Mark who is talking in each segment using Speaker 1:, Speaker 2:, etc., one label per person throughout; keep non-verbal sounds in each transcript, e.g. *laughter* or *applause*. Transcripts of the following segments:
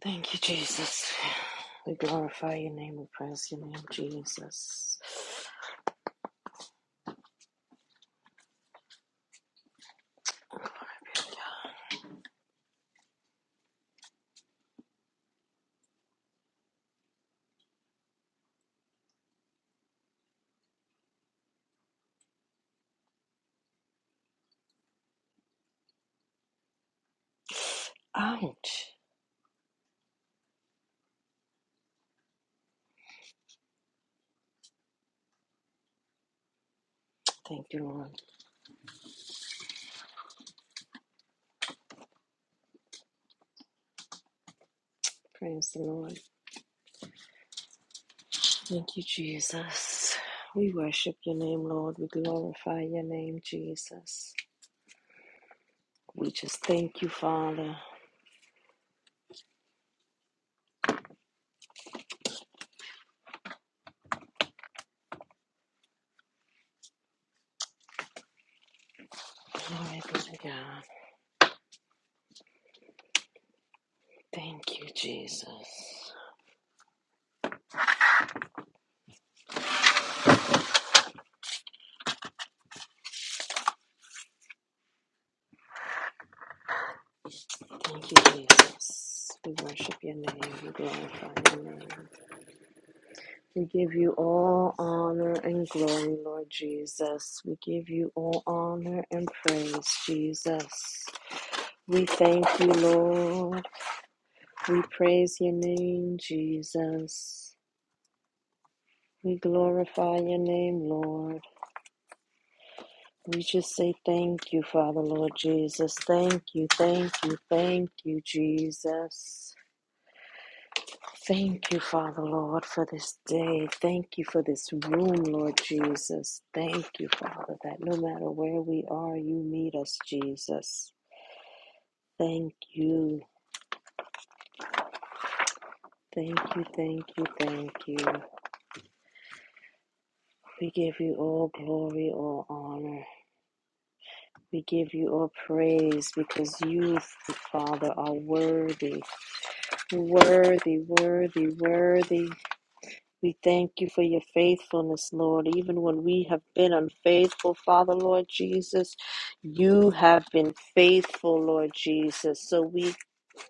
Speaker 1: Thank you, Jesus. We glorify your name. We praise your name, Jesus. Ouch. Thank you, Lord. Praise the Lord. Thank you, Jesus. We worship your name, Lord. We glorify your name, Jesus. We just thank you, Father. Glory be to God. Thank you, Jesus. Thank you, Jesus. We worship your name. We glorify your name. We give you all honor and glory, Lord Jesus. We give you all honor and praise, Jesus. We thank you, Lord. We praise your name, Jesus. We glorify your name, Lord. We just say thank you, Father, Lord Jesus. Thank you, thank you, thank you, Jesus. Thank you, Father Lord, for this day. Thank you for this room, Lord Jesus. Thank you, Father, that no matter where we are, you meet us, Jesus. Thank you. Thank you, thank you, thank you. We give you all glory, all honor. We give you all praise because you, Father, are worthy, worthy, worthy, worthy. We thank you for your faithfulness, Lord. Even when we have been unfaithful, Father, Lord Jesus, you have been faithful, Lord Jesus. So we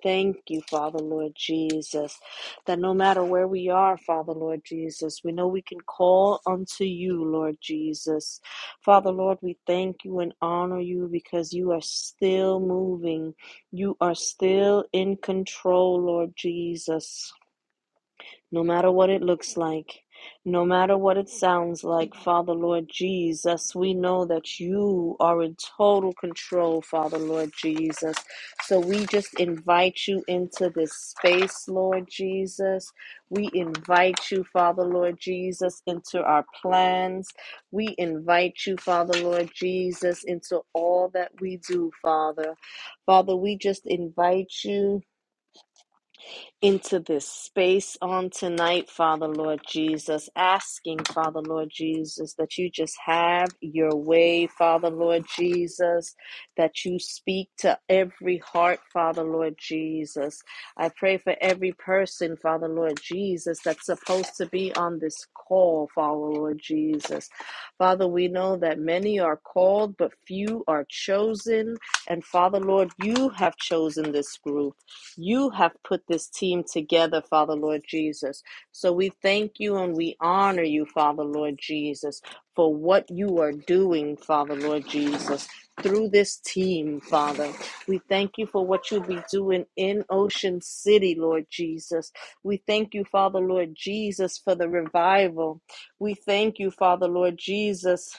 Speaker 1: thank you, Father, Lord Jesus, that no matter where we are, Father, Lord Jesus, we know we can call unto you, Lord Jesus. Father, Lord, we thank you and honor you because you are still moving. You are still in control, Lord Jesus no matter what it looks like, no matter what it sounds like, Father Lord Jesus, we know that you are in total control, Father Lord Jesus. So we just invite you into this space, Lord Jesus. We invite you, Father Lord Jesus, into our plans. We invite you, Father Lord Jesus, into all that we do, Father. Father, we just invite you into this space on tonight, Father Lord Jesus, asking, Father Lord Jesus, that you just have your way, Father Lord Jesus, that you speak to every heart, Father Lord Jesus. I pray for every person, Father Lord Jesus, that's supposed to be on this call, Father Lord Jesus. Father, we know that many are called, but few are chosen. And Father Lord, you have chosen this group. You have put this team together, Father Lord Jesus. So we thank you and we honor you, Father Lord Jesus, for what you are doing, Father Lord Jesus, through this team, Father. We thank you for what you'll be doing in Ocean City, Lord Jesus. We thank you, Father Lord Jesus, for the revival. We thank you, Father Lord Jesus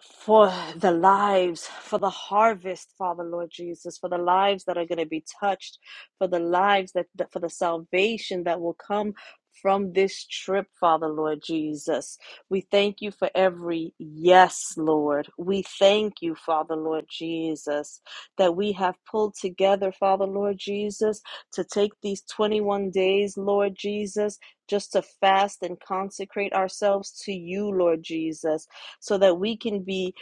Speaker 1: for the lives, for the harvest, Father Lord Jesus, for the lives that are going to be touched, for the lives that, that for the salvation that will come from this trip, Father Lord Jesus. We thank you for every yes, Lord. We thank you, Father Lord Jesus, that we have pulled together, Father Lord Jesus, to take these 21 days, Lord Jesus, just to fast and consecrate ourselves to you, Lord Jesus so that we can be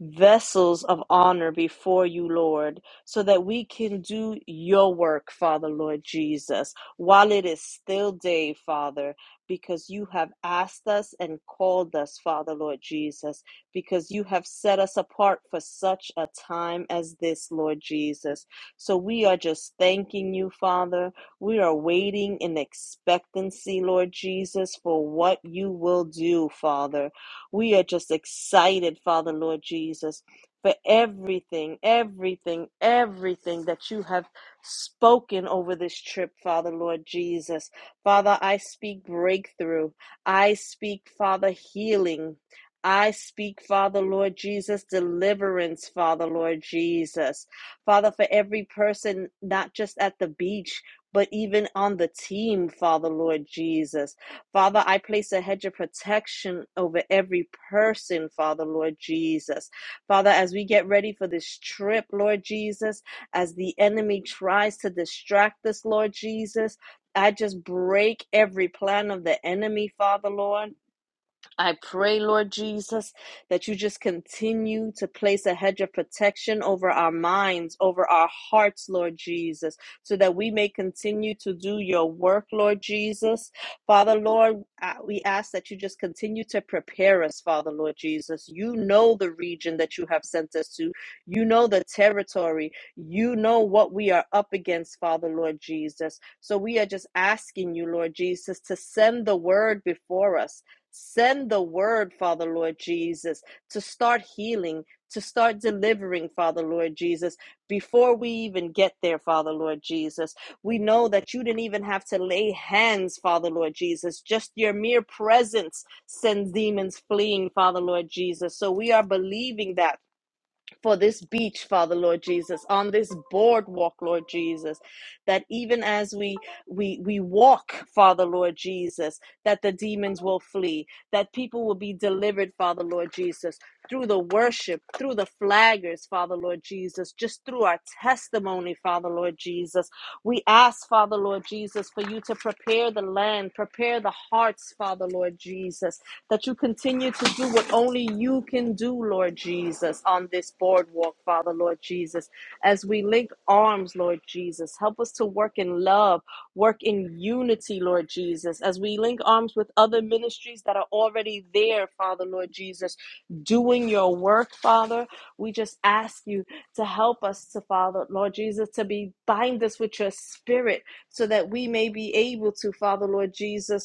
Speaker 1: vessels of honor before you, Lord, so that we can do your work, Father, Lord Jesus, while it is still day, Father, because you have asked us and called us, Father, Lord Jesus, because you have set us apart for such a time as this, Lord Jesus. So we are just thanking you, Father. We are waiting in expectancy, Lord Jesus, for what you will do, Father. We are just excited, Father, Lord Jesus, for everything, everything, everything that you have spoken over this trip, Father, Lord Jesus. Father, I speak breakthrough. I speak, Father, healing. I speak, Father, Lord Jesus, deliverance, Father, Lord Jesus. Father, for every person, not just at the beach, but even on the team, Father, Lord Jesus. Father, I place a hedge of protection over every person, Father, Lord Jesus. Father, as we get ready for this trip, Lord Jesus, as the enemy tries to distract us, Lord Jesus, I just break every plan of the enemy, Father, Lord. I pray, Lord Jesus, that you just continue to place a hedge of protection over our minds, over our hearts, Lord Jesus, so that we may continue to do your work, Lord Jesus. Father, Lord, uh, we ask that you just continue to prepare us, Father, Lord Jesus. You know the region that you have sent us to, you know the territory, you know what we are up against, Father, Lord Jesus. So we are just asking you, Lord Jesus, to send the word before us Send the word, Father Lord Jesus, to start healing, to start delivering, Father Lord Jesus, before we even get there, Father Lord Jesus. We know that you didn't even have to lay hands, Father Lord Jesus. Just your mere presence sends demons fleeing, Father Lord Jesus. So we are believing that for this beach, Father Lord Jesus, on this boardwalk, Lord Jesus, that even as we we we walk, Father Lord Jesus, that the demons will flee, that people will be delivered, Father Lord Jesus, through the worship, through the flaggers, Father Lord Jesus, just through our testimony, Father Lord Jesus. We ask, Father Lord Jesus, for you to prepare the land, prepare the hearts, Father Lord Jesus that you continue to do what only you can do, Lord Jesus, on this boardwalk, Father, Lord Jesus. As we link arms, Lord Jesus, help us to work in love, work in unity, Lord Jesus. As we link arms with other ministries that are already there, Father, Lord Jesus, doing your work, Father, we just ask you to help us to, Father, Lord Jesus, to be bind us with your spirit so that we may be able to, Father, Lord Jesus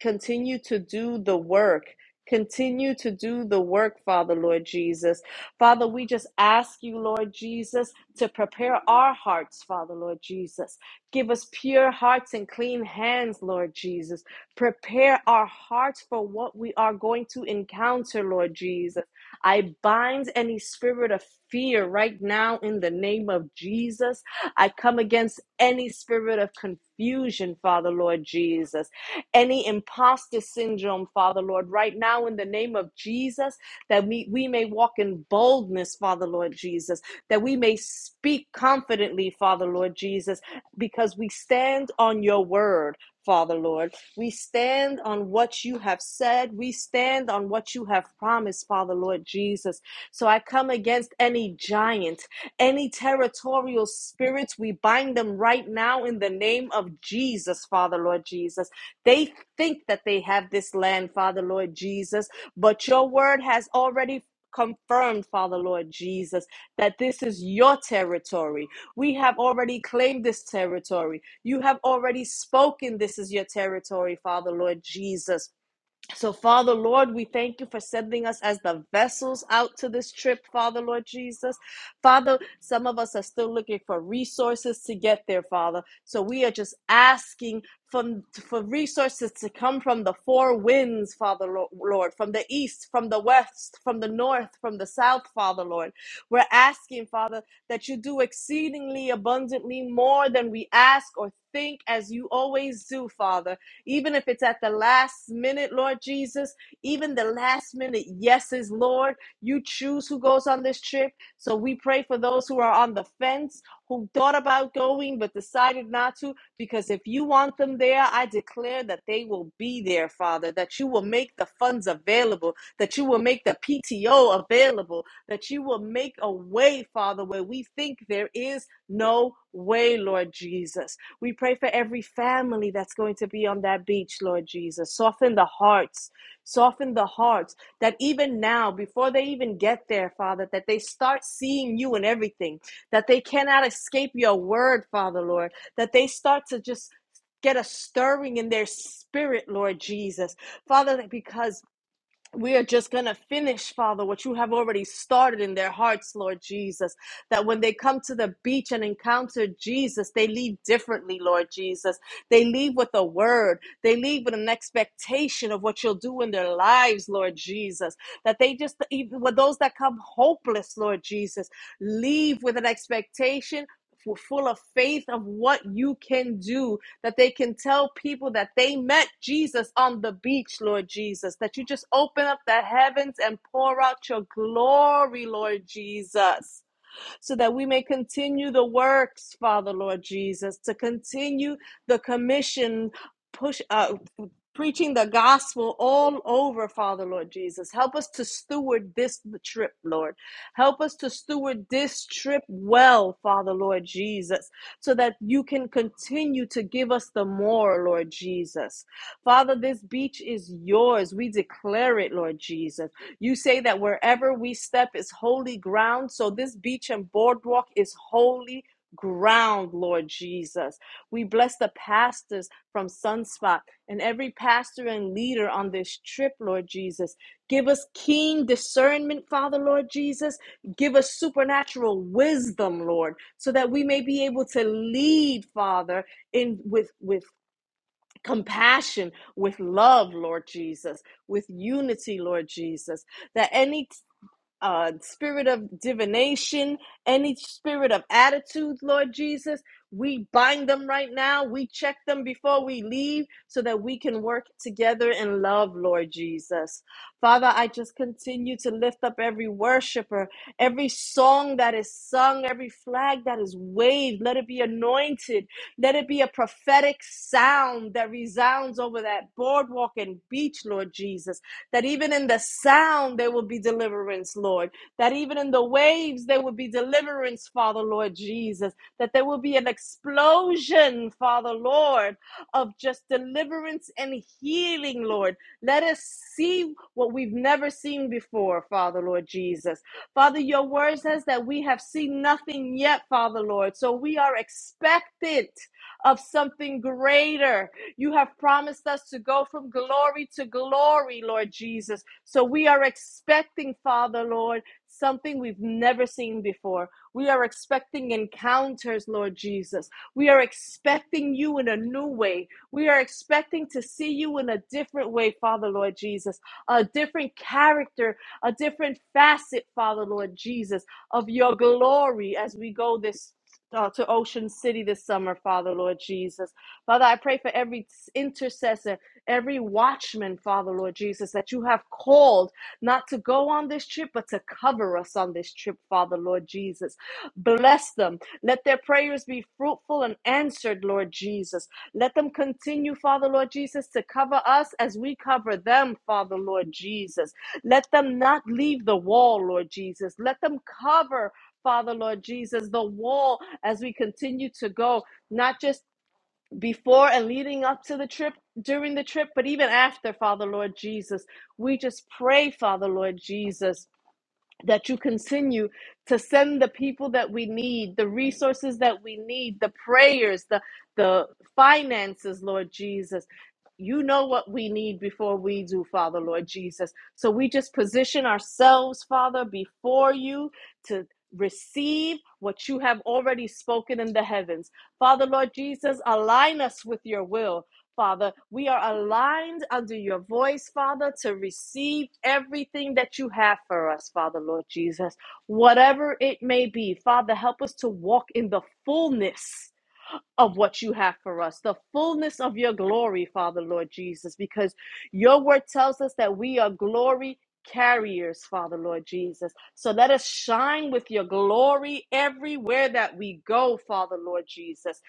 Speaker 1: Continue to do the work. Continue to do the work, Father, Lord Jesus. Father, we just ask you, Lord Jesus, to prepare our hearts, Father, Lord Jesus. Give us pure hearts and clean hands, Lord Jesus. Prepare our hearts for what we are going to encounter, Lord Jesus. I bind any spirit of fear right now in the name of Jesus. I come against any spirit of confusion, Father, Lord Jesus any imposter syndrome, Father Lord, right now in the name of Jesus, that we, we may walk in boldness, Father Lord Jesus, that we may speak confidently, Father Lord Jesus, because we stand on your word. Father Lord, we stand on what you have said. We stand on what you have promised, Father Lord Jesus. So I come against any giant, any territorial spirits. We bind them right now in the name of Jesus, Father Lord Jesus they think that they have this land, Father Lord Jesus, but your word has already confirmed, Father Lord Jesus, that this is your territory. We have already claimed this territory. You have already spoken, this is your territory, Father Lord Jesus. So, Father, Lord, we thank you for sending us as the vessels out to this trip, Father, Lord Jesus. Father, some of us are still looking for resources to get there, Father. So, we are just asking from, for resources to come from the four winds, Father, Lo- Lord, from the east, from the west, from the north, from the south, Father, Lord. We're asking, Father, that you do exceedingly abundantly more than we ask or think, as you always do, Father even if it's at the last minute, Lord Jesus, even the last minute yeses, Lord. You choose who goes on this trip. So we pray for those who are on the fence, who thought about going but decided not to, because if you want them there, I declare that they will be there, Father, that you will make the funds available, that you will make the PTO available, that you will make a way, Father, where we think there is no way, Lord Jesus. We pray for every family that's going to be on that beach, Lord Jesus. Soften the hearts, soften the hearts that even now, before they even get there, Father, that they start seeing you in everything, that they cannot escape your word, Father, Lord, that they start to just get a stirring in their spirit, Lord Jesus. Father, because we are just going to finish, Father, what you have already started in their hearts, Lord Jesus. That when they come to the beach and encounter Jesus, they leave differently, Lord Jesus. They leave with a word, they leave with an expectation of what you'll do in their lives, Lord Jesus. That they just, even with those that come hopeless, Lord Jesus, leave with an expectation. Full of faith of what you can do that they can tell people that they met Jesus on the beach, Lord Jesus, that you just open up the heavens and pour out your glory, Lord Jesus so that we may continue the works, Father Lord Jesus, to continue the commission, push uh, preaching the gospel all over, Father Lord Jesus. Help us to steward this trip, Lord. Help us to steward this trip well, Father Lord Jesus, so that you can continue to give us the more, Lord Jesus. Father, this beach is yours. We declare it, Lord Jesus. You say that wherever we step is holy ground. So this beach and boardwalk is holy ground, Lord Jesus. We bless the pastors from Sunspot and every pastor and leader on this trip, Lord Jesus. Give us keen discernment, Father, Lord Jesus. Give us supernatural wisdom, Lord, so that we may be able to lead, Father, in with with compassion, with love, Lord Jesus, with unity, Lord Jesus. That any uh, spirit of divination, any spirit of attitude, Lord Jesus. We bind them right now. We check them before we leave so that we can work together in love, Lord Jesus. Father, I just continue to lift up every worshiper, every song that is sung, every flag that is waved. Let it be anointed. Let it be a prophetic sound that resounds over that boardwalk and beach, Lord Jesus that even in the sound there will be deliverance, Lord, that even in the waves there will be deliverance, Father, Lord Jesus, that there will be an explosion, Father, Lord, of just deliverance and healing, Lord. Let us see what we've never seen before, Father, Lord Jesus. Father, your word says that we have seen nothing yet, Father, Lord, so we are expectant of something greater you have promised us to go from glory to glory, Lord Jesus. So we are expecting, Father, Lord, something we've never seen before. We are expecting encounters, Lord Jesus. We are expecting you in a new way. We are expecting to see you in a different way, Father, Lord Jesus, a different character, a different facet, Father, Lord Jesus, of your glory as we go this. Uh, to Ocean City this summer, Father, Lord Jesus. Father, I pray for every intercessor, every watchman, Father, Lord Jesus, that you have called not to go on this trip, but to cover us on this trip, Father, Lord Jesus. Bless them. Let their prayers be fruitful and answered, Lord Jesus. Let them continue, Father, Lord Jesus, to cover us as we cover them, Father, Lord Jesus. Let them not leave the wall, Lord Jesus. Let them cover. Father, Lord Jesus, the wall as we continue to go, not just before and leading up to the trip, during the trip, but even after, Father Lord Jesus. We just pray, Father Lord Jesus that you continue to send the people that we need, the resources that we need, the prayers, the the finances, Lord Jesus. You know what we need before we do, Father, Lord Jesus. So we just position ourselves, Father, before you to receive what you have already spoken in the heavens. Father, Lord Jesus, align us with your will. Father. We are aligned under your voice, Father, to receive everything that you have for us, Father, Lord Jesus. Whatever it may be, Father, help us to walk in the fullness of what you have for us, the fullness of your glory, Father, Lord Jesus, because your word tells us that we are glory carriers, Father, Lord Jesus. So let us shine with your glory everywhere that we go, Father, Lord Jesus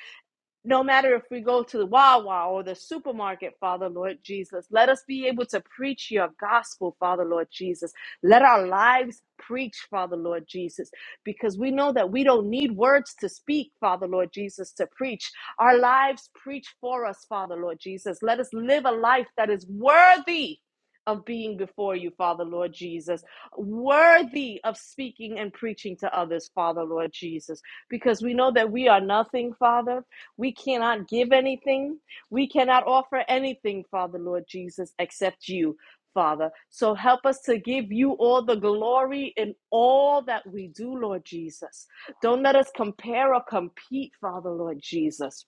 Speaker 1: no matter if we go to the Wawa or the supermarket, Father Lord Jesus, let us be able to preach your gospel, Father Lord Jesus. Let our lives preach, Father Lord Jesus, because we know that we don't need words to speak, Father Lord Jesus, to preach. Our lives preach for us, Father Lord Jesus. Let us live a life that is worthy. Of being before you, Father Lord Jesus, worthy of speaking and preaching to others, Father Lord Jesus, because we know that we are nothing, Father. We cannot give anything. We cannot offer anything, Father, Lord Jesus, except you, Father. So help us to give you all the glory in all that we do, Lord Jesus. Don't let us compare or compete, Father, Lord Jesus.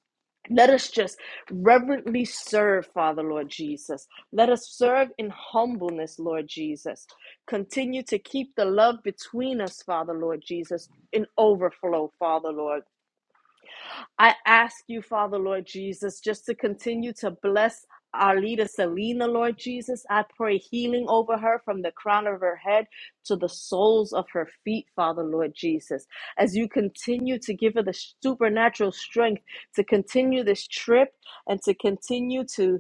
Speaker 1: Let us just reverently serve, Father, Lord Jesus. Let us serve in humbleness, Lord Jesus. Continue to keep the love between us, Father, Lord Jesus, in overflow, Father, Lord. I ask you, Father, Lord Jesus, just to continue to bless our leader, Selena, Lord Jesus. I pray healing over her from the crown of her head to the soles of her feet, Father, Lord Jesus. As you continue to give her the supernatural strength to continue this trip and to continue to.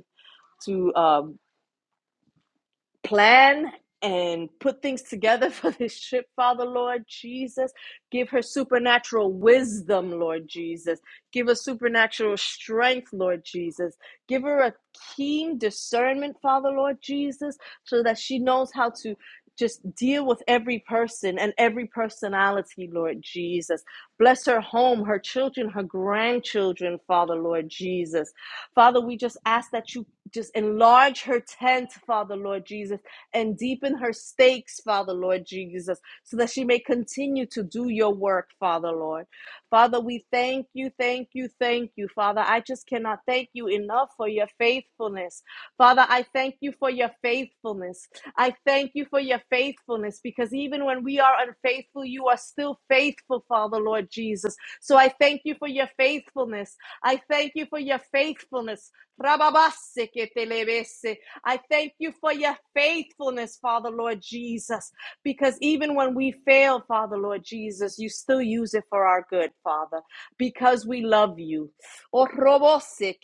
Speaker 1: To um, plan and put things together *laughs* for this trip, Father Lord Jesus. Give her supernatural wisdom, Lord Jesus. Give her supernatural strength, Lord Jesus. Give her a keen discernment, Father Lord Jesus, so that she knows how to just deal with every person and every personality, Lord Jesus. Bless her home, her children, her grandchildren, Father Lord Jesus. Father, we just ask that you just enlarge her tent, Father Lord Jesus, and deepen her stakes, Father Lord Jesus, so that she may continue to do your work, Father Lord. Father, we thank you, thank you, thank you, Father. I just cannot thank you enough for your faithfulness. Father, I thank you for your faithfulness. I thank you for your faithfulness because even when we are unfaithful, you are still faithful, Father Lord Jesus. So I thank you for your faithfulness. I thank you for your faithfulness. Rababase que I thank you for your faithfulness, Father Lord Jesus, because even when we fail, Father Lord Jesus, you still use it for our good, Father, because we love you. Oh, robose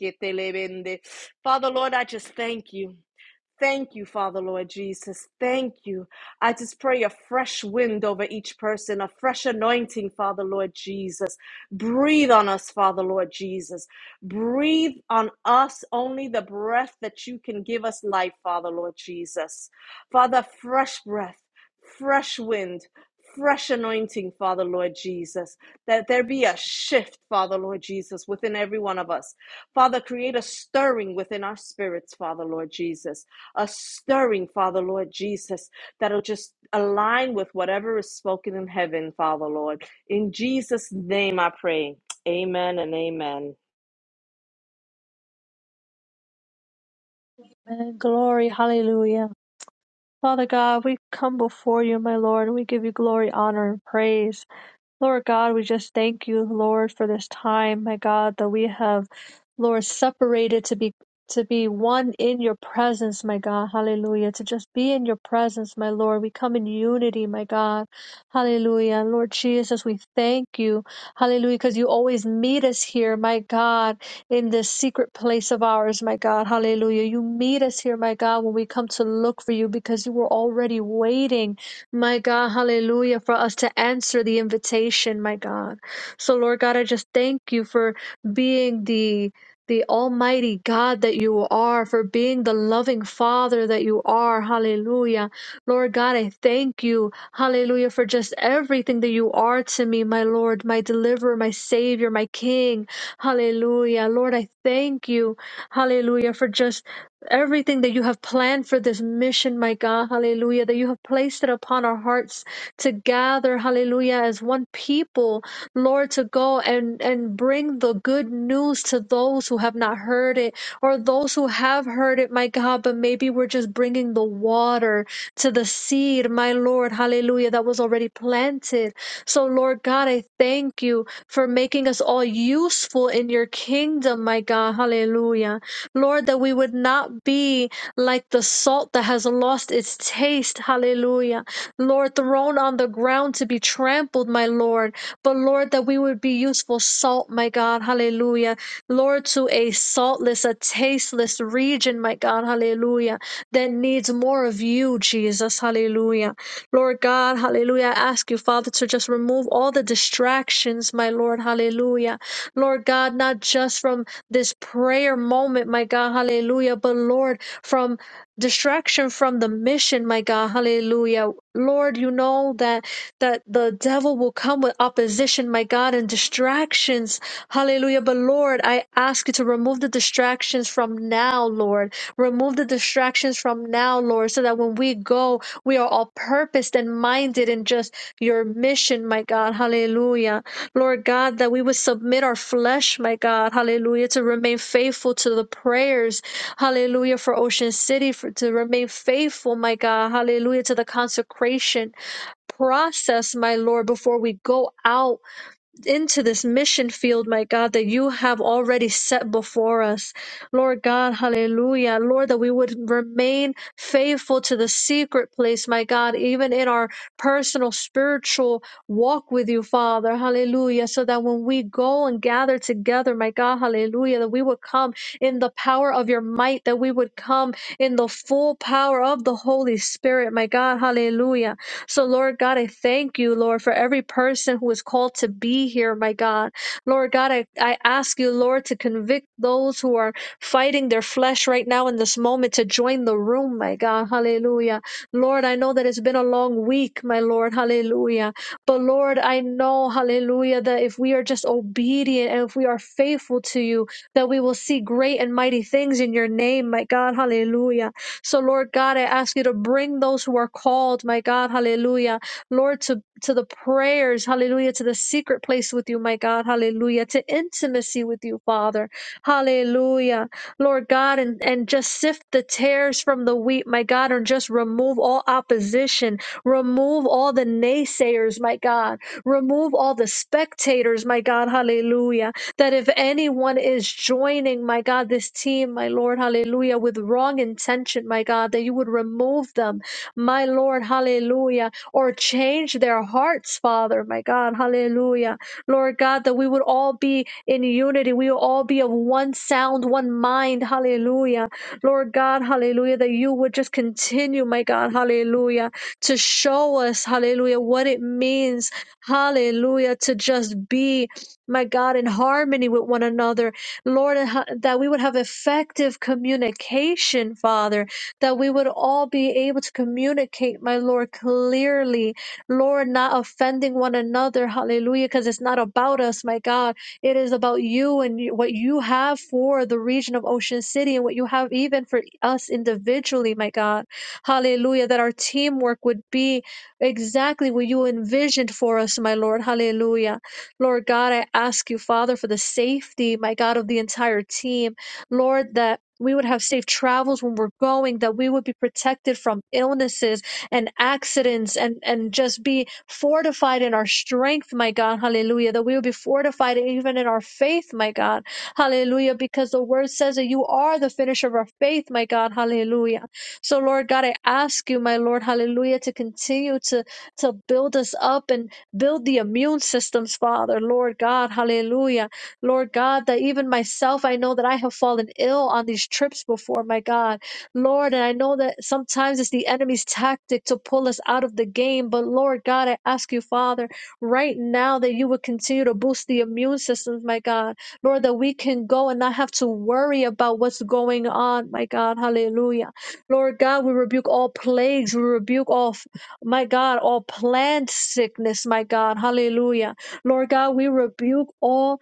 Speaker 1: Father Lord, I just thank you. Thank you, Father Lord Jesus. Thank you. I just pray a fresh wind over each person, a fresh anointing, Father Lord Jesus. Breathe on us, Father Lord Jesus. Breathe on us only the breath that you can give us life, Father Lord Jesus. Father, fresh breath, fresh wind. Fresh anointing, Father Lord Jesus, that there be a shift, Father Lord Jesus, within every one of us. Father, create a stirring within our spirits, Father Lord Jesus a stirring, Father Lord Jesus, that'll just align with whatever is spoken in heaven, Father Lord. In Jesus' name I pray. Amen and amen.
Speaker 2: Amen. Glory. Hallelujah. Father God, we come before you, my Lord, and we give you glory, honor, and praise. Lord God, we just thank you, Lord, for this time, my God, that we have, Lord, separated to be to be one in your presence, my God. Hallelujah. To just be in your presence, my Lord. We come in unity, my God. Hallelujah. Lord Jesus, we thank you. Hallelujah. Because you always meet us here, my God, in this secret place of ours, my God. Hallelujah. You meet us here, my God, when we come to look for you because you were already waiting. My God, hallelujah, for us to answer the invitation, my God. So, Lord God, I just thank you for being the the almighty God that you are, for being the loving Father that you are. Hallelujah. Lord God, I thank you. Hallelujah. For just everything that you are to me, my Lord, my deliverer, my Savior, my King. Hallelujah. Lord, I thank you. Hallelujah. For just everything that you have planned for this mission, my God, hallelujah, that you have placed it upon our hearts to gather, hallelujah, as one people, Lord, to go and, and bring the good news to those who have not heard it or those who have heard it, my God, but maybe we're just bringing the water to the seed, my Lord, hallelujah, that was already planted. So, Lord God, I thank you for making us all useful in your kingdom, my God, hallelujah. Lord, that we would not be like the salt that has lost its taste. Hallelujah. Lord, thrown on the ground to be trampled, my Lord. But Lord, that we would be useful salt, my God. Hallelujah. Lord, to a saltless, a tasteless region, my God. Hallelujah. That needs more of you, Jesus. Hallelujah. Lord God, hallelujah. I ask you, Father, to just remove all the distractions, my Lord. Hallelujah. Lord God, not just from this prayer moment, my God, hallelujah. But Lord, from distraction from the mission, my God, hallelujah. Lord, you know that that the devil will come with opposition, my God, and distractions. Hallelujah. But Lord, I ask you to remove the distractions from now, Lord. Remove the distractions from now, Lord, so that when we go, we are all purposed and minded in just your mission, my God. Hallelujah. Lord God, that we would submit our flesh, my God, hallelujah, to remain faithful to the prayers, hallelujah, for Ocean City, for, to remain faithful, my God, hallelujah, to the consecration process, my Lord, before we go out into this mission field, my God, that you have already set before us. Lord God, hallelujah. Lord, that we would remain faithful to the secret place, my God, even in our personal spiritual walk with you, Father, hallelujah. So that when we go and gather together, my God, hallelujah, that we would come in the power of your might, that we would come in the full power of the Holy Spirit, my God, hallelujah. So, Lord God, I thank you, Lord, for every person who is called to be here, my God. Lord God, I, I ask you, Lord, to convict those who are fighting their flesh right now in this moment to join the room, my God. Hallelujah. Lord, I know that it's been a long week, my Lord. Hallelujah. But, Lord, I know, hallelujah, that if we are just obedient and if we are faithful to you, that we will see great and mighty things in your name, my God. Hallelujah. So, Lord God, I ask you to bring those who are called, my God, hallelujah, Lord, to, to the prayers, hallelujah, to the secret place with you, my God, hallelujah, to intimacy with you, Father, hallelujah, Lord God, and, and just sift the tares from the wheat, my God, and just remove all opposition, remove all the naysayers, my God, remove all the spectators, my God, hallelujah that if anyone is joining, my God, this team, my Lord, hallelujah, with wrong intention, my God, that you would remove them, my Lord, hallelujah, or change their hearts, Father, my God, hallelujah. Lord God, that we would all be in unity, we would all be of one sound, one mind, hallelujah. Lord God, hallelujah, that you would just continue, my God, hallelujah, to show us, hallelujah, what it means, hallelujah, to just be my God, in harmony with one another. Lord, and ho- that we would have effective communication, Father, that we would all be able to communicate, my Lord, clearly. Lord, not offending one another. Hallelujah, because it's not about us, my God. It is about you and you- what you have for the region of Ocean City and what you have even for us individually, my God. Hallelujah, that our teamwork would be exactly what you envisioned for us, my Lord. Hallelujah. Lord God, I ask you, Father, for the safety, my God, of the entire team. Lord, that we would have safe travels when we're going, that we would be protected from illnesses and accidents and, and just be fortified in our strength, my God. Hallelujah. That we would be fortified even in our faith, my God. Hallelujah. Because the word says that you are the finisher of our faith, my God. Hallelujah. So, Lord God, I ask you, my Lord, hallelujah, to continue to, to build us up and. Build the immune systems, Father, Lord God, hallelujah. Lord God, that even myself, I know that I have fallen ill on these trips before, my God. Lord, and I know that sometimes it's the enemy's tactic to pull us out of the game, but Lord God, I ask you, Father, right now that you would continue to boost the immune systems, my God. Lord, that we can go and not have to worry about what's going on, my God, hallelujah. Lord God, we rebuke all plagues, we rebuke all my God, all plant sickness, my God. Hallelujah. Lord God, we rebuke all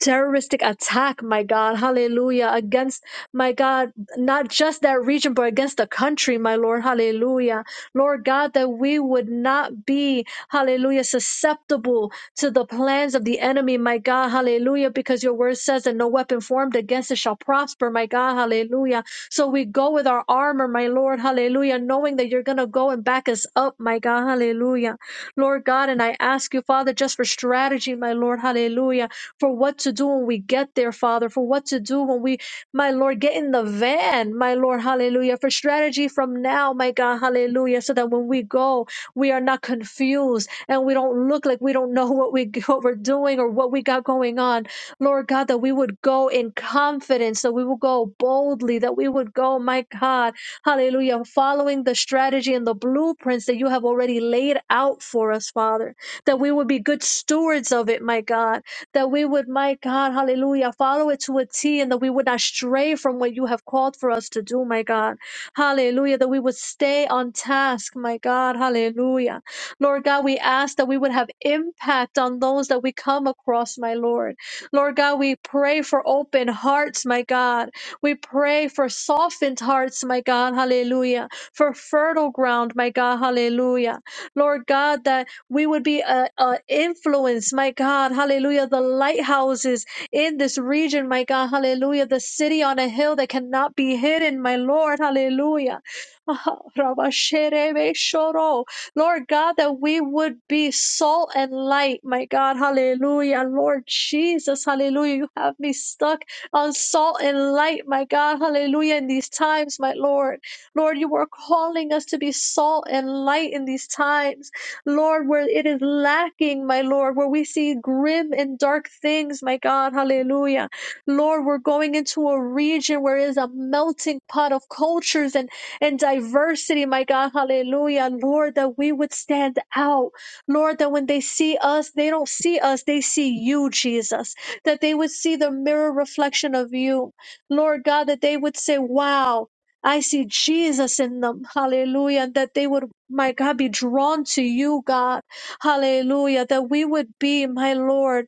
Speaker 2: terroristic attack, my God, hallelujah, against, my God, not just that region, but against the country, my Lord, hallelujah. Lord God, that we would not be, hallelujah, susceptible to the plans of the enemy, my God, hallelujah, because your word says that no weapon formed against us shall prosper, my God, hallelujah. So we go with our armor, my Lord, hallelujah, knowing that you're going to go and back us up, my God, hallelujah. Lord God, and I ask you, Father, just for strategy, my Lord, hallelujah for what to do when we get there, Father, for what to do when we, my Lord, get in the van, my Lord, hallelujah, for strategy from now, my God, hallelujah, so that when we go, we are not confused and we don't look like we don't know *laughs* what, we, what we're doing or what we got going on. Lord God, that we would go in confidence, that we would go boldly, that we would go, my God, hallelujah, following the strategy and the blueprints that you have already laid out for us, Father, that we would be good stewards of it, my God that we would, my God, hallelujah, follow it to a T and that we would not stray from what you have called for us to do, my God. Hallelujah, that we would stay on task, my God, hallelujah. Lord God, we ask that we would have impact on those that we come across, my Lord. Lord God, we pray for open hearts, my God. We pray for softened hearts, my God, hallelujah. For fertile ground, my God, hallelujah. Lord God, that we would be a, influence, my God, hallelujah. The lighthouses in this region, my God, hallelujah. The city on a hill that cannot be hidden, my Lord, hallelujah. *laughs* Lord God, that we would be salt and light, my God, hallelujah. Lord Jesus, hallelujah. You have me stuck on salt and light, my God, hallelujah, in these times, my Lord. Lord, you are calling us to be salt and light in these times. Lord, where it is lacking, my Lord, where we see grim and dark things, my God, hallelujah. Lord, we're going into a region where is a melting pot of cultures and, and diversity, my God, hallelujah. Lord, that we would stand out. Lord, that when they see us, they don't see us, they see you, Jesus. That they would see the mirror reflection of you. Lord God, that they would say, wow. I see Jesus in them. Hallelujah. And that they would, my God, be drawn to you, God. Hallelujah. That we would be, my Lord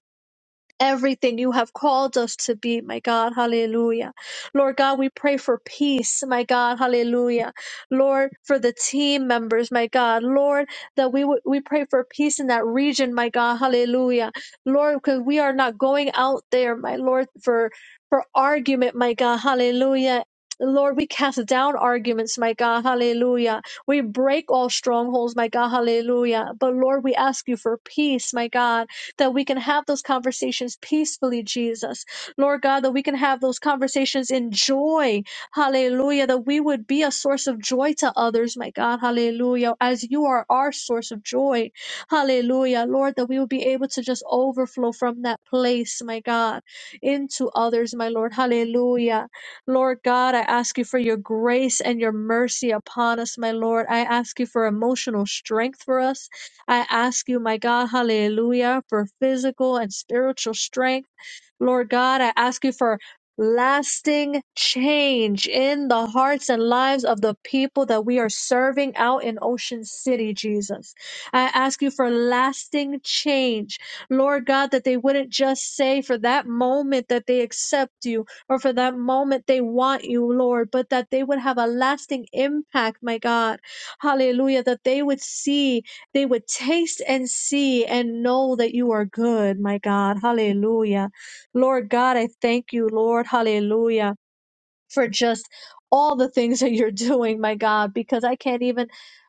Speaker 2: everything you have called us to be, my God. Hallelujah. Lord God, we pray for peace, my God. Hallelujah. Lord, for the team members, my God. Lord, that we would we pray for peace in that region, my God. Hallelujah. Lord, because we are not going out there, my Lord, for for argument, my God. Hallelujah. Lord, we cast down arguments, my God, hallelujah. We break all strongholds, my God, hallelujah. But Lord, we ask you for peace, my God that we can have those conversations peacefully, Jesus. Lord God, that we can have those conversations in joy. Hallelujah. That we would be a source of joy to others, my God. Hallelujah. As you are our source of joy. Hallelujah. Lord, that we would be able to just overflow from that place, my God, into others, my Lord. Hallelujah. Lord God, I ask you for your grace and your mercy upon us, my Lord. I ask you for emotional strength for us. I ask you, my God, hallelujah, for physical and spiritual strength. Lord God, I ask you for lasting change in the hearts and lives of the people that we are serving out in Ocean City, Jesus. I ask you for lasting change. Lord God, that they wouldn't just say for that moment that they accept you or for that moment they want you, Lord, but that they would have a lasting impact, my God. Hallelujah, that they would see they would taste and see and know that you are good, my God. Hallelujah. Lord God, I thank you, Lord. Hallelujah for just all the things that you're *laughs* doing, my God, because I can't even,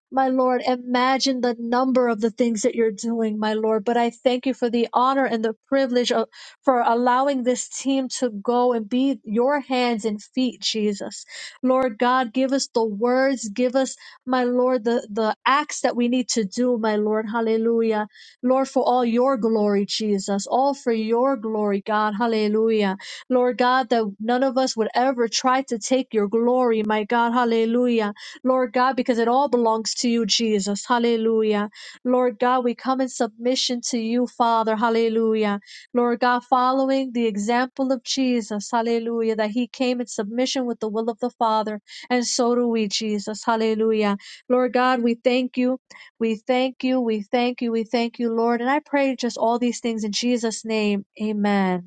Speaker 2: my Lord, imagine the number of the things that you're doing, my Lord. But I thank you for the honor and the privilege of, for allowing this team to go and be your hands and feet, Jesus. Lord God, give us the words, give us, my Lord, the, the acts that we need to do, my Lord. Hallelujah. Lord, for all your glory, Jesus, all for your glory, God. Hallelujah. Lord God, that none of us would ever try to take your glory, my God, hallelujah. Lord God, because it all belongs to you, Jesus, hallelujah. Lord God, we come in submission to you, Father, hallelujah. Lord God, following the example of Jesus, hallelujah, that he came in submission with the will of the Father, and so do we, Jesus, hallelujah. Lord God, we thank you. We thank you, we thank you, we thank you, Lord. And I pray just all these things in Jesus' name. Amen.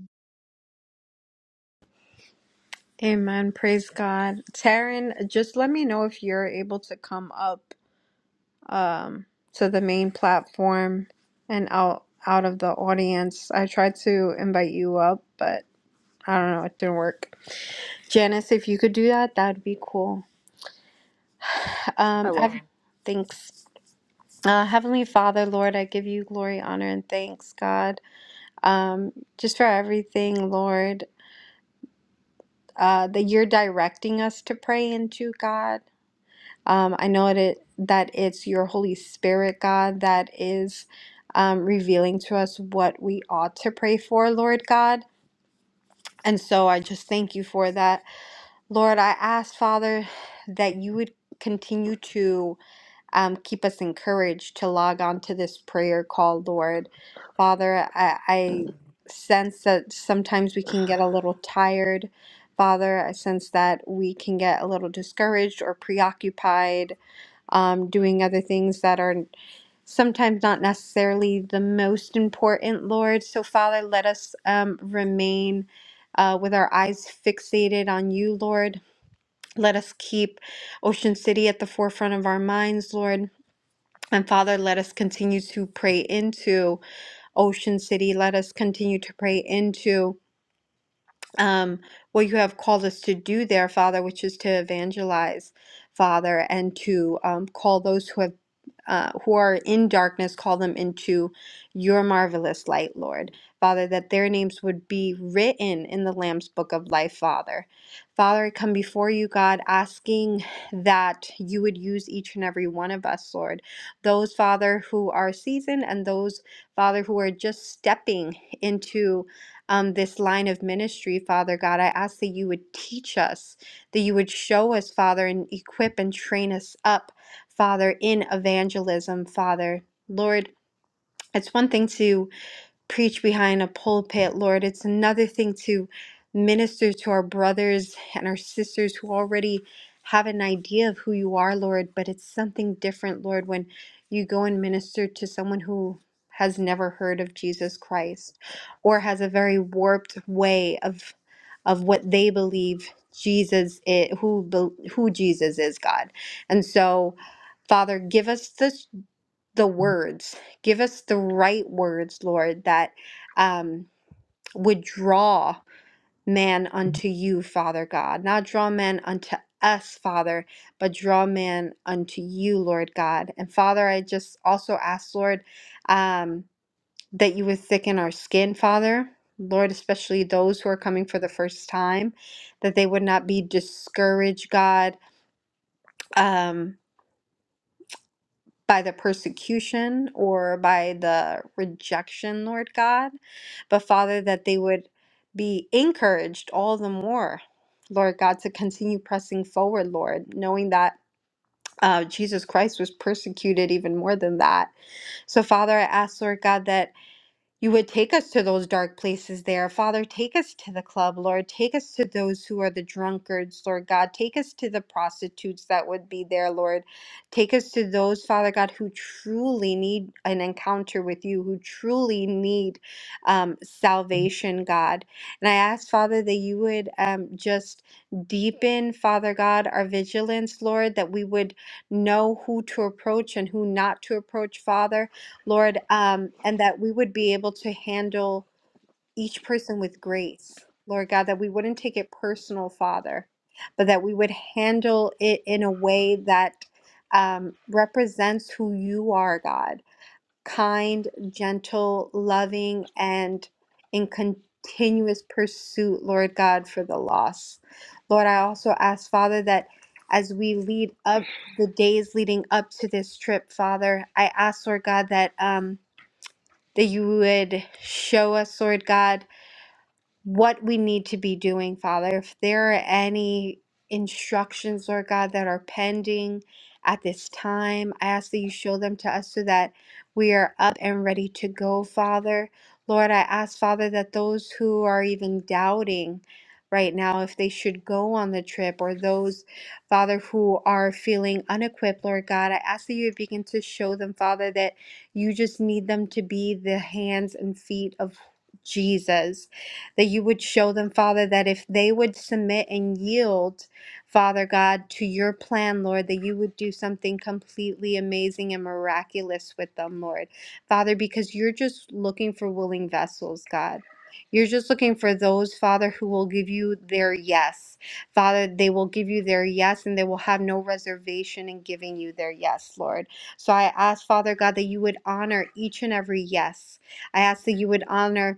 Speaker 3: Amen. Praise God. Taryn, just let me know if you're able to come up to the main platform and out out of the audience. I tried to invite you up, but I don't know, it didn't work. Janice, if you could do that, that'd be cool.
Speaker 1: I
Speaker 3: Um, Hev-
Speaker 1: will.
Speaker 3: Sure. thanks. Uh, Heavenly Father, Lord, I give you glory, honor, and thanks, God, um, just for everything, Lord, uh, that you're directing us to pray into, God. Um, I know it, it- that it's your Holy Spirit, God, that is um, revealing to us what we ought to pray for, Lord God. And so I just thank you for that. Lord, I ask, Father, that you would continue to um, keep us encouraged to log on to this prayer call, Lord. Father, I, I sense that sometimes we can get a little tired. Father, I sense that we can get a little discouraged or preoccupied um, doing other things that are sometimes not necessarily the most important, Lord. So, Father, let us um, remain uh, with our eyes fixated on you, Lord. Let us keep Ocean City at the forefront of our minds, Lord. And Father, let us continue to pray into Ocean City. Let us continue to pray into um, what you have called us to do there, Father, which is to evangelize, Father, and to um, call those who have uh, who are in darkness, call them into your marvelous light, Lord. Father, that their names would be written in the Lamb's Book of Life, Father. Father, I come before you, God, asking that you would use each and every one of us, Lord. Those, Father, who are seasoned and those, Father, who are just stepping into um, this line of ministry, Father God. I ask that you would teach us, that you would show us, Father, and equip and train us up, Father, in evangelism, Father. Lord, it's one thing to preach behind a pulpit, Lord. It's another thing to minister to our brothers and our sisters who already have an idea of who you are, Lord, but it's something different, Lord, when you go and minister to someone who has never heard of Jesus Christ or has a very warped way of of what they believe Jesus is who bel- who Jesus is, God. And so Father, give us this the words. Give us the right words, Lord, that um, would draw man unto you, Father God. Not draw man unto us, Father, but draw man unto you, Lord God. And Father, I just also ask, Lord, um, that you would thicken our skin, Father. Lord, especially those who are coming for the first time, that they would not be discouraged, God. Um, by the persecution or by the rejection, Lord God, but Father, that they would be encouraged all the more, Lord God, to continue pressing forward, Lord, knowing that uh, Jesus Christ was persecuted even more than that. So, Father, I ask, Lord God, that. You would take us to those dark places there. Father, take us to the club, Lord. Take us to those who are the drunkards, Lord God. Take us to the prostitutes that would be there, Lord. Take us to those, Father God, who truly need an encounter with you, who truly need um, salvation, God. And I ask, Father, that you would um, just deepen, Father God, our vigilance, Lord, that we would know who to approach and who not to approach, Father Lord, um, and that we would be able to handle each person with grace, Lord God, that we wouldn't take it personal, Father, but that we would handle it in a way that um, represents who you are, God kind, gentle, loving, and in continuous pursuit, Lord God, for the lost. Lord, I also ask, Father, that as we lead up the days leading up to this trip, Father, I ask, Lord God, that. Um, that you would show us, Lord God, what we need to be doing, Father. If there are any instructions, Lord God, that are pending at this time, I ask that you show them to us so that we are up and ready to go, Father. Lord, I ask, Father, that those who are even doubting right now if they should go on the trip or those, Father, who are feeling unequipped, Lord God, I ask that you would begin to show them, Father, that you just need them to be the hands and feet of Jesus that you would show them, Father, that if they would submit and yield, Father God, to your plan, Lord, that you would do something completely amazing and miraculous with them, Lord. Father, because you're just looking for willing vessels, God. You're just looking for those, Father, who will give you their yes. Father, they will give you their yes and they will have no reservation in giving you their yes, Lord. So I ask, Father God, that you would honor each and every yes. I ask that you would honor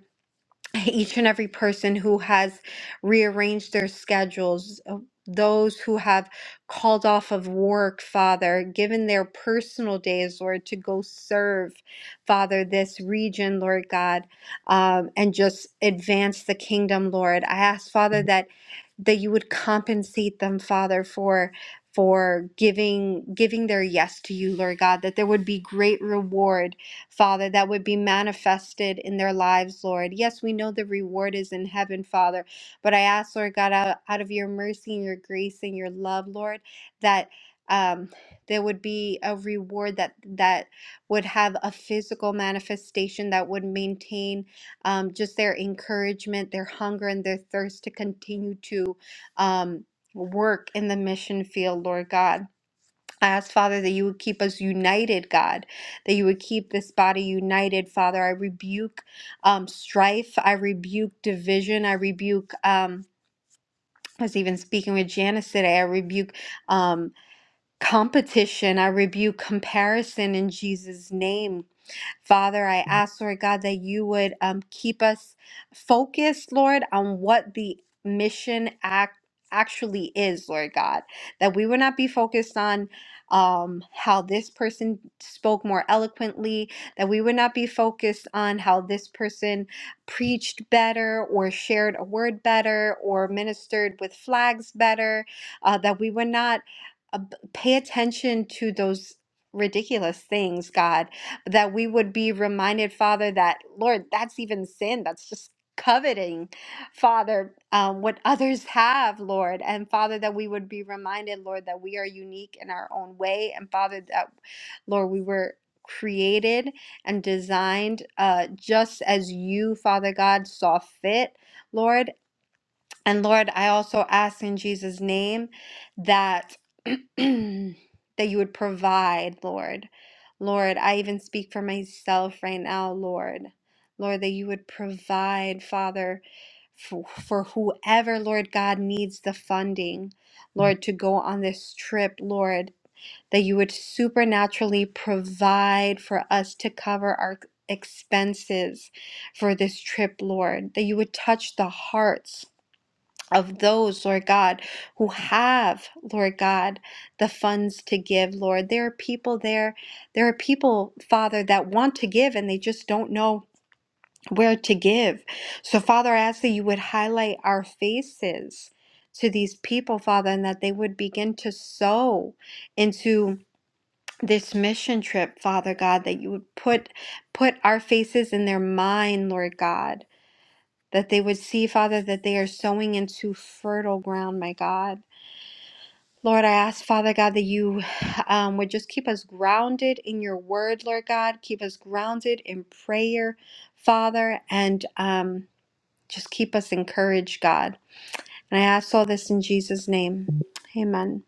Speaker 3: each and every person who has rearranged their schedules, uh, those who have called off of work, Father, given their personal days, Lord, to go serve, Father, this region, Lord God, um, and just advance the kingdom, Lord. I ask, Father, Mhm. that that you would compensate them, Father, for for giving giving their yes to you, Lord God, that there would be great reward Father, that would be manifested in their lives, Lord. Yes, we know the reward is in heaven, Father, but I ask, Lord God, out, out of your mercy and your grace and your love, Lord, that um, there would be a reward that that would have a physical manifestation that would maintain um, just their encouragement, their hunger, and their thirst to continue to um, work in the mission field, Lord God. I ask, Father, that you would keep us united, God, that you would keep this body united, Father. I rebuke um, strife. I rebuke division. I rebuke, um, I was even speaking with Janice today, I rebuke um, competition. I rebuke comparison in Jesus' name, Father, I ask, Lord God, that you would um, keep us focused, Lord, on what the mission act actually is, Lord God, that we would not be focused on um how this person spoke more eloquently that we would not be focused on how this person preached better or shared a word better or ministered with flags better uh, that we would not uh, b- pay attention to those ridiculous things god that we would be reminded, Father, that, Lord, that's even sin. That's just coveting, Father, um, what others have, Lord. And Father, that we would be reminded, Lord, that we are unique in our own way. And Father, that, Lord, we were created and designed uh, just as you, Father God, saw fit. Lord, and Lord, I also ask in Jesus' name that *clears throat* that you would provide, Lord. Lord, I even speak for myself right now, Lord. Lord, that you would provide, Father, for, for whoever, Lord God, needs the funding, Lord, to go on this trip, Lord, that you would supernaturally provide for us to cover our expenses for this trip, Lord, that you would touch the hearts of those, Lord God, who have, Lord God, the funds to give, Lord. There are people there, there are people, Father, that want to give and they just don't know where to give. So, Father, I ask that you would highlight our faces to these people, Father, and that they would begin to sow into this mission trip, Father God, that you would put put our faces in their mind, Lord God that they would see, Father, that they are sowing into fertile ground, my God. Lord, I ask, Father God, that you um, would just keep us grounded in your word, Lord God. Keep us grounded in prayer, Father, and um, just keep us encouraged, God. And I ask all this in Jesus' name. Amen.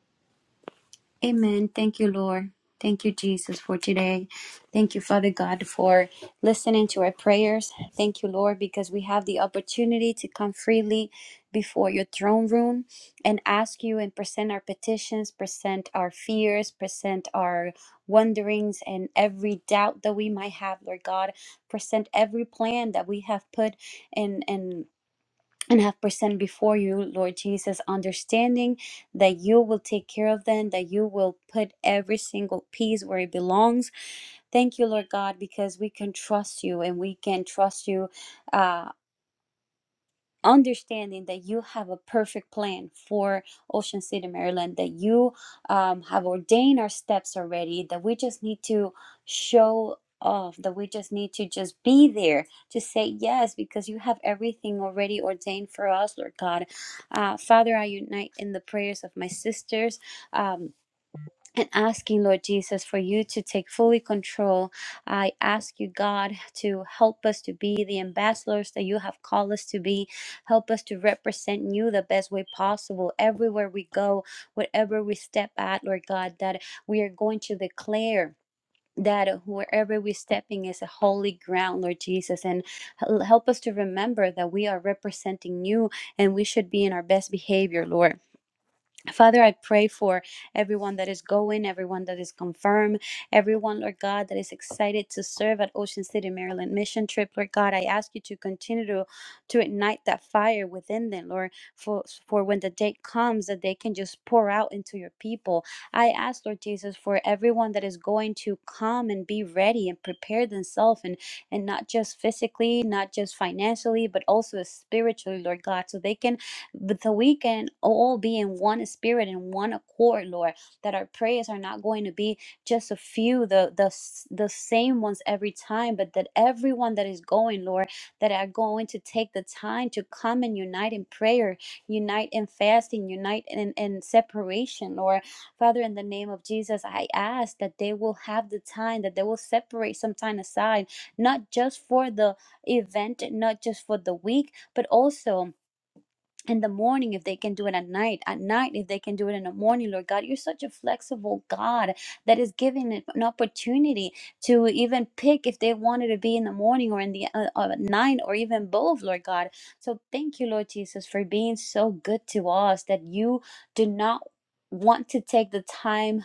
Speaker 4: Amen. Thank you, Lord. Thank you, Jesus, for today. Thank you, Father God, for listening to our prayers. Thank you, Lord, because we have the opportunity to come freely before your throne room and ask you and present our petitions, present our fears, present our wonderings and every doubt that we might have, Lord God. Present every plan that we have put in. in and have present before you, Lord Jesus, understanding that you will take care of them, that you will put every single piece where it belongs. Thank you, Lord God, because we can trust you and we can trust you. uh, understanding that you have a perfect plan for Ocean City, Maryland, that you um, have ordained our steps already, that we just need to show off, that we just need to just be there to say yes, because you have everything already ordained for us, Lord God. Uh, Father, I unite in the prayers of my sisters. Um, and asking, Lord Jesus, for you to take fully control. I ask you, God, to help us to be the ambassadors that you have called us to be. Help us to represent you the best way possible everywhere we go, wherever we step at, Lord God, that we are going to declare. That wherever we're stepping is a holy ground, Lord Jesus, and hel- help us to remember that we are representing you and we should be in our best behavior, Lord. Father, I pray for everyone that is going, everyone that is confirmed, everyone, Lord God, that is excited to serve at Ocean City, Maryland mission trip. Lord God, I ask you to continue to, to ignite that fire within them, Lord, for, for when the day comes that they can just pour out into your people. I ask, Lord Jesus, for everyone that is going to come and be ready and prepare themselves and, and not just physically, not just financially, but also spiritually, Lord God, so they can but so we can all be in one spirit and one accord, Lord, that our prayers are not going to be just a few, the the the same ones every time, but that everyone that is going, Lord, that are going to take the time to come and unite in prayer, unite in fasting, unite in, in separation, Lord. Father, in the name of Jesus, I ask that they will have the time, that they will separate some time aside, not just for the event, not just for the week, but also in the morning if they can do it at night at night if they can do it in the morning lord god you're such a flexible god that is giving it an opportunity to even pick if they wanted to be in the morning or in the uh, uh, night or even both lord god so thank you lord jesus for being so good to us that you do not want to take the time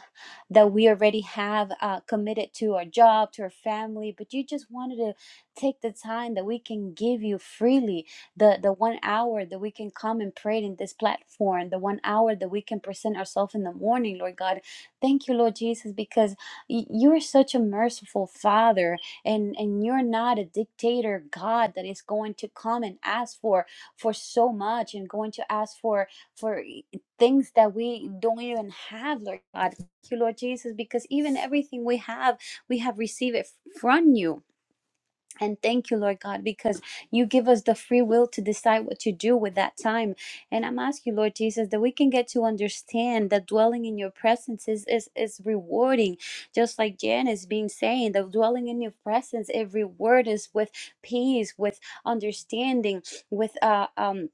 Speaker 4: that we already have uh, committed to our job to our family but you just wanted to take the time that we can give you freely the the one hour that we can come and pray in this platform the one hour that we can present ourselves in the morning lord god thank you lord jesus because y- you're such a merciful father and and you're not a dictator god that is going to come and ask for for so much and going to ask for for e, things that we don't even have lord god thank you lord jesus because even everything we have we have received it from you and thank you, Lord God, because you give us the free will to decide what to do with that time. And I'm asking you, Lord Jesus, that we can get to understand that dwelling in your presence is, is, is rewarding. Just like Janice been saying, that dwelling in your presence, every word is with peace, with understanding, with uh um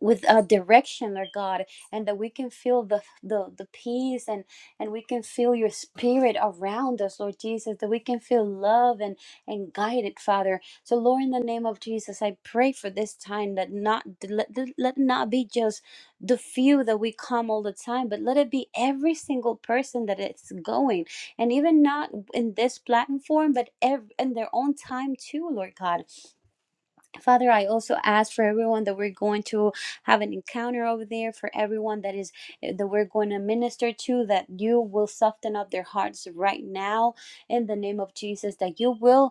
Speaker 4: with a direction Lord god and that we can feel the, the the peace and and we can feel your spirit around us lord jesus that we can feel love and and guided father so lord in the name of jesus i pray for this time that not let, let not be just the few that we come all the time but let it be every single person that it's going and even not in this platform but ev- in their own time too lord god Father, I also ask for everyone that we're going to have an encounter over there, for everyone that is eh, that we're going to minister to, that you will soften up their hearts right now in the name of Jesus, that you will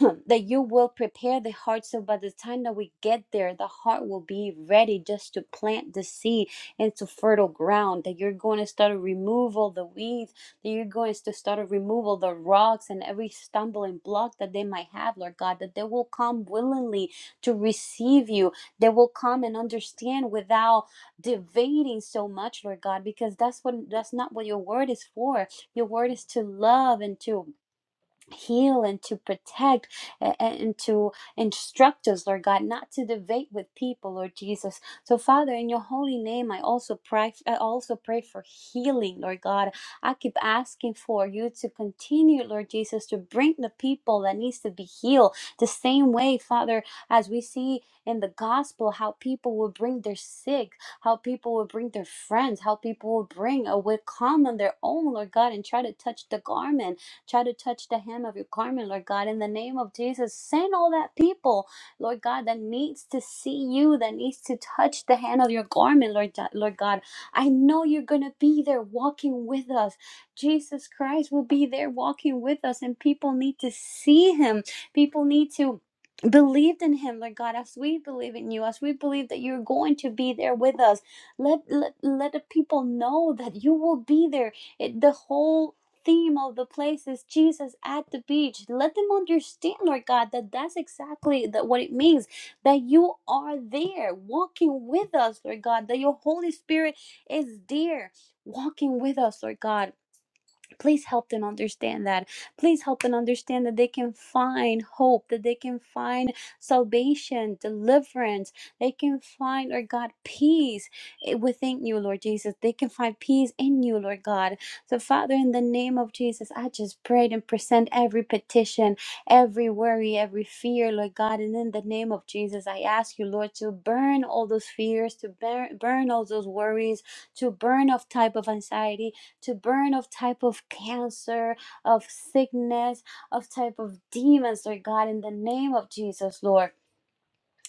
Speaker 4: *coughs* *clears throat* that you will prepare the heart so by the time that we get there the heart will be ready just to plant the seed into fertile ground that you're going to start to remove all the weeds that you're going to start to remove all the rocks and every stumbling block that they might have lord god that they will come willingly to receive you they will come and understand without debating so much lord god because that's what that's not what your word is for your word is to love and to heal and to protect and to instruct us, Lord God, not to debate with people, Lord Jesus. So, Father, in your holy name, I also pray. I also pray for healing, Lord God. I keep asking for you to continue, Lord Jesus, to bring the people that needs to be healed. The same way, Father, as we see in the gospel, how people will bring their sick, how people will bring their friends, how people will bring a will come on their own, Lord God, and try to touch the garment try to touch the hem of your garment, Lord God. In the name of Jesus, send all that people, Lord God, that needs to see you, that needs to touch the hand of your garment, Lord, Lord God. I know you're going to be there walking with us. Jesus Christ will be there walking with us, and people need to see him. People need to believe in him lord god as we believe in you as we believe that you're going to be there with us let let, let the people know that you will be there it, the whole theme of the place is Jesus at the beach. Let them understand, Lord God, that that's exactly that what it means that you are there walking with us, Lord God, that your Holy Spirit is there walking with us, Lord God Please help them understand that. Please help them understand that they can find hope, that they can find salvation, deliverance. They can find, Lord God, peace eh, within you, Lord Jesus. They can find peace in you, Lord God. So, Father, in the name of Jesus, I just prayed and present every petition, every worry, every fear, Lord God. And in the name of Jesus, I ask you, Lord, to burn all those fears, to burn, burn all those worries, to burn off type of anxiety to burn of type of cancer, of sickness, of type of demons, Lord God, in the name of Jesus, Lord.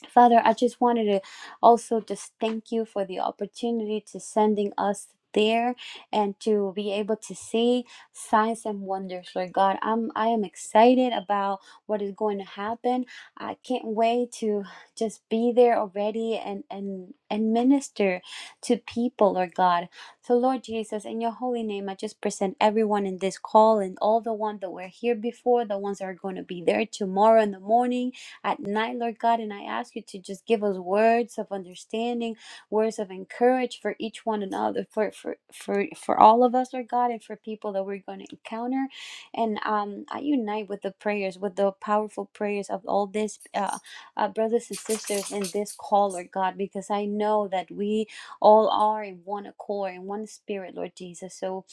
Speaker 4: Father, I just wanted to also just thank you for the opportunity to sending us there and to be able to see signs and wonders lord god i'm i am excited about what is going to happen i can't wait to just be there already and and and minister to people lord god so lord jesus in your holy name i just present everyone in this call and all the ones that were here before the ones that are going to be there tomorrow in the morning at night, Lord God. And I ask you to just give us words of understanding, words of encourage for each one another, for for for, for all of us, Lord God, and for people that we're going to encounter. And um, I unite with the prayers, with the powerful prayers of all these uh, uh, brothers and sisters in this call, Lord God, because I know that we all are in one accord, in one spirit, Lord Jesus. So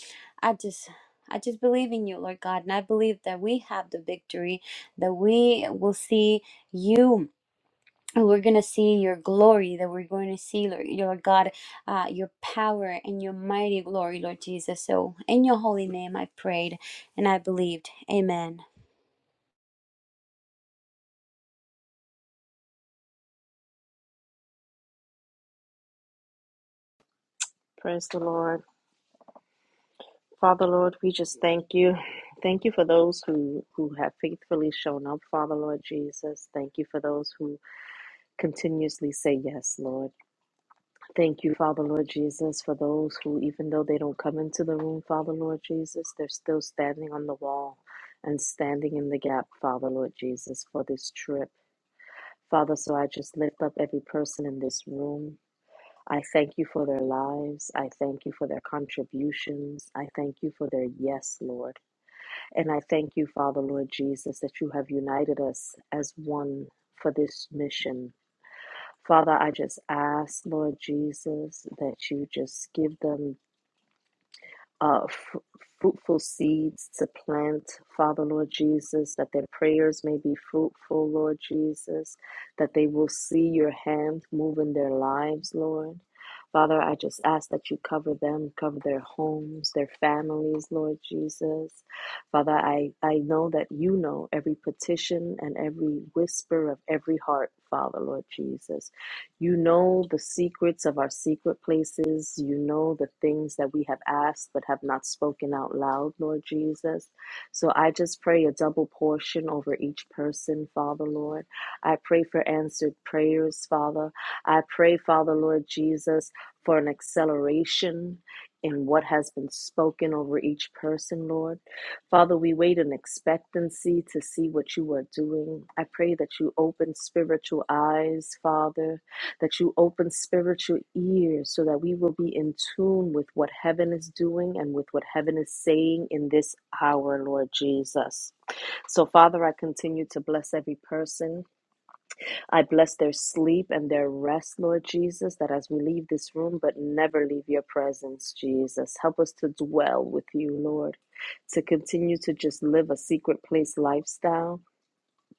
Speaker 4: I just. I just believe in you, Lord God, and I believe that we have the victory, that we will see you we're going to see your glory that we're going to see lord your god uh, your power and your mighty glory lord jesus so in your holy name i prayed and i believed amen
Speaker 1: Praise the Lord. Father Lord, we just thank you. Thank you for those who, who have faithfully shown up, Father Lord Jesus. Thank you for those who continuously say yes, Lord. Thank you, Father Lord Jesus, for those who, even though they don't come into the room, Father Lord Jesus, they're still standing on the wall and standing in the gap, Father Lord Jesus, for this trip. Father, so I just lift up every person in this room. I thank you for their lives. I thank you for their contributions. I thank you for their yes, Lord. And I thank you, Father Lord Jesus, that you have united us as one for this mission. Father, I just ask, Lord Jesus, that you just give them uh, fr- fruitful seeds to plant, Father, Lord Jesus, that their prayers may be fruitful, Lord Jesus, that they will see your hand move in their lives, Lord. Father, I just ask that you cover them, cover their homes, their families, Lord Jesus. Father, I, I know that you know every petition and every whisper of every heart, Father, Lord Jesus. You know the secrets of our secret places. You know the things that we have asked but have not spoken out loud, Lord Jesus. So I just pray a double portion over each person, Father, Lord. I pray for answered prayers, Father. I pray, Father, Lord Jesus, for an acceleration in what has been spoken over each person, Lord. Father, we wait in expectancy to see what you are doing. I pray that you open spiritual eyes, Father that you open spiritual ears so that we will be in tune with what heaven is doing and with what heaven is saying in this hour, Lord Jesus. So, Father, I continue to bless every person. I bless their sleep and their rest, Lord Jesus, that as we leave this room, but never leave your presence, Jesus. Help us to dwell with you, Lord, to continue to just live a secret place lifestyle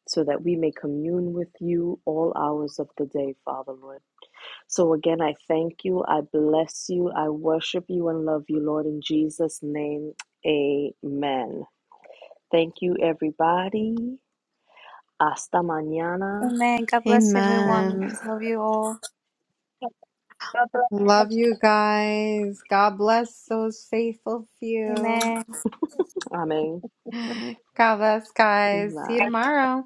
Speaker 1: so that we may commune with you all hours of the day, Father, Lord. So again, I thank you. I bless you. I worship you and love you, Lord, in Jesus' name. Amen. Thank you, everybody. Hasta mañana.
Speaker 4: Amen. God bless everyone.
Speaker 3: Amen.
Speaker 4: Love you all.
Speaker 3: Love you guys. God bless those faithful few.
Speaker 4: Amen.
Speaker 1: Amen.
Speaker 3: God bless, guys. See you
Speaker 1: Bye.
Speaker 3: tomorrow.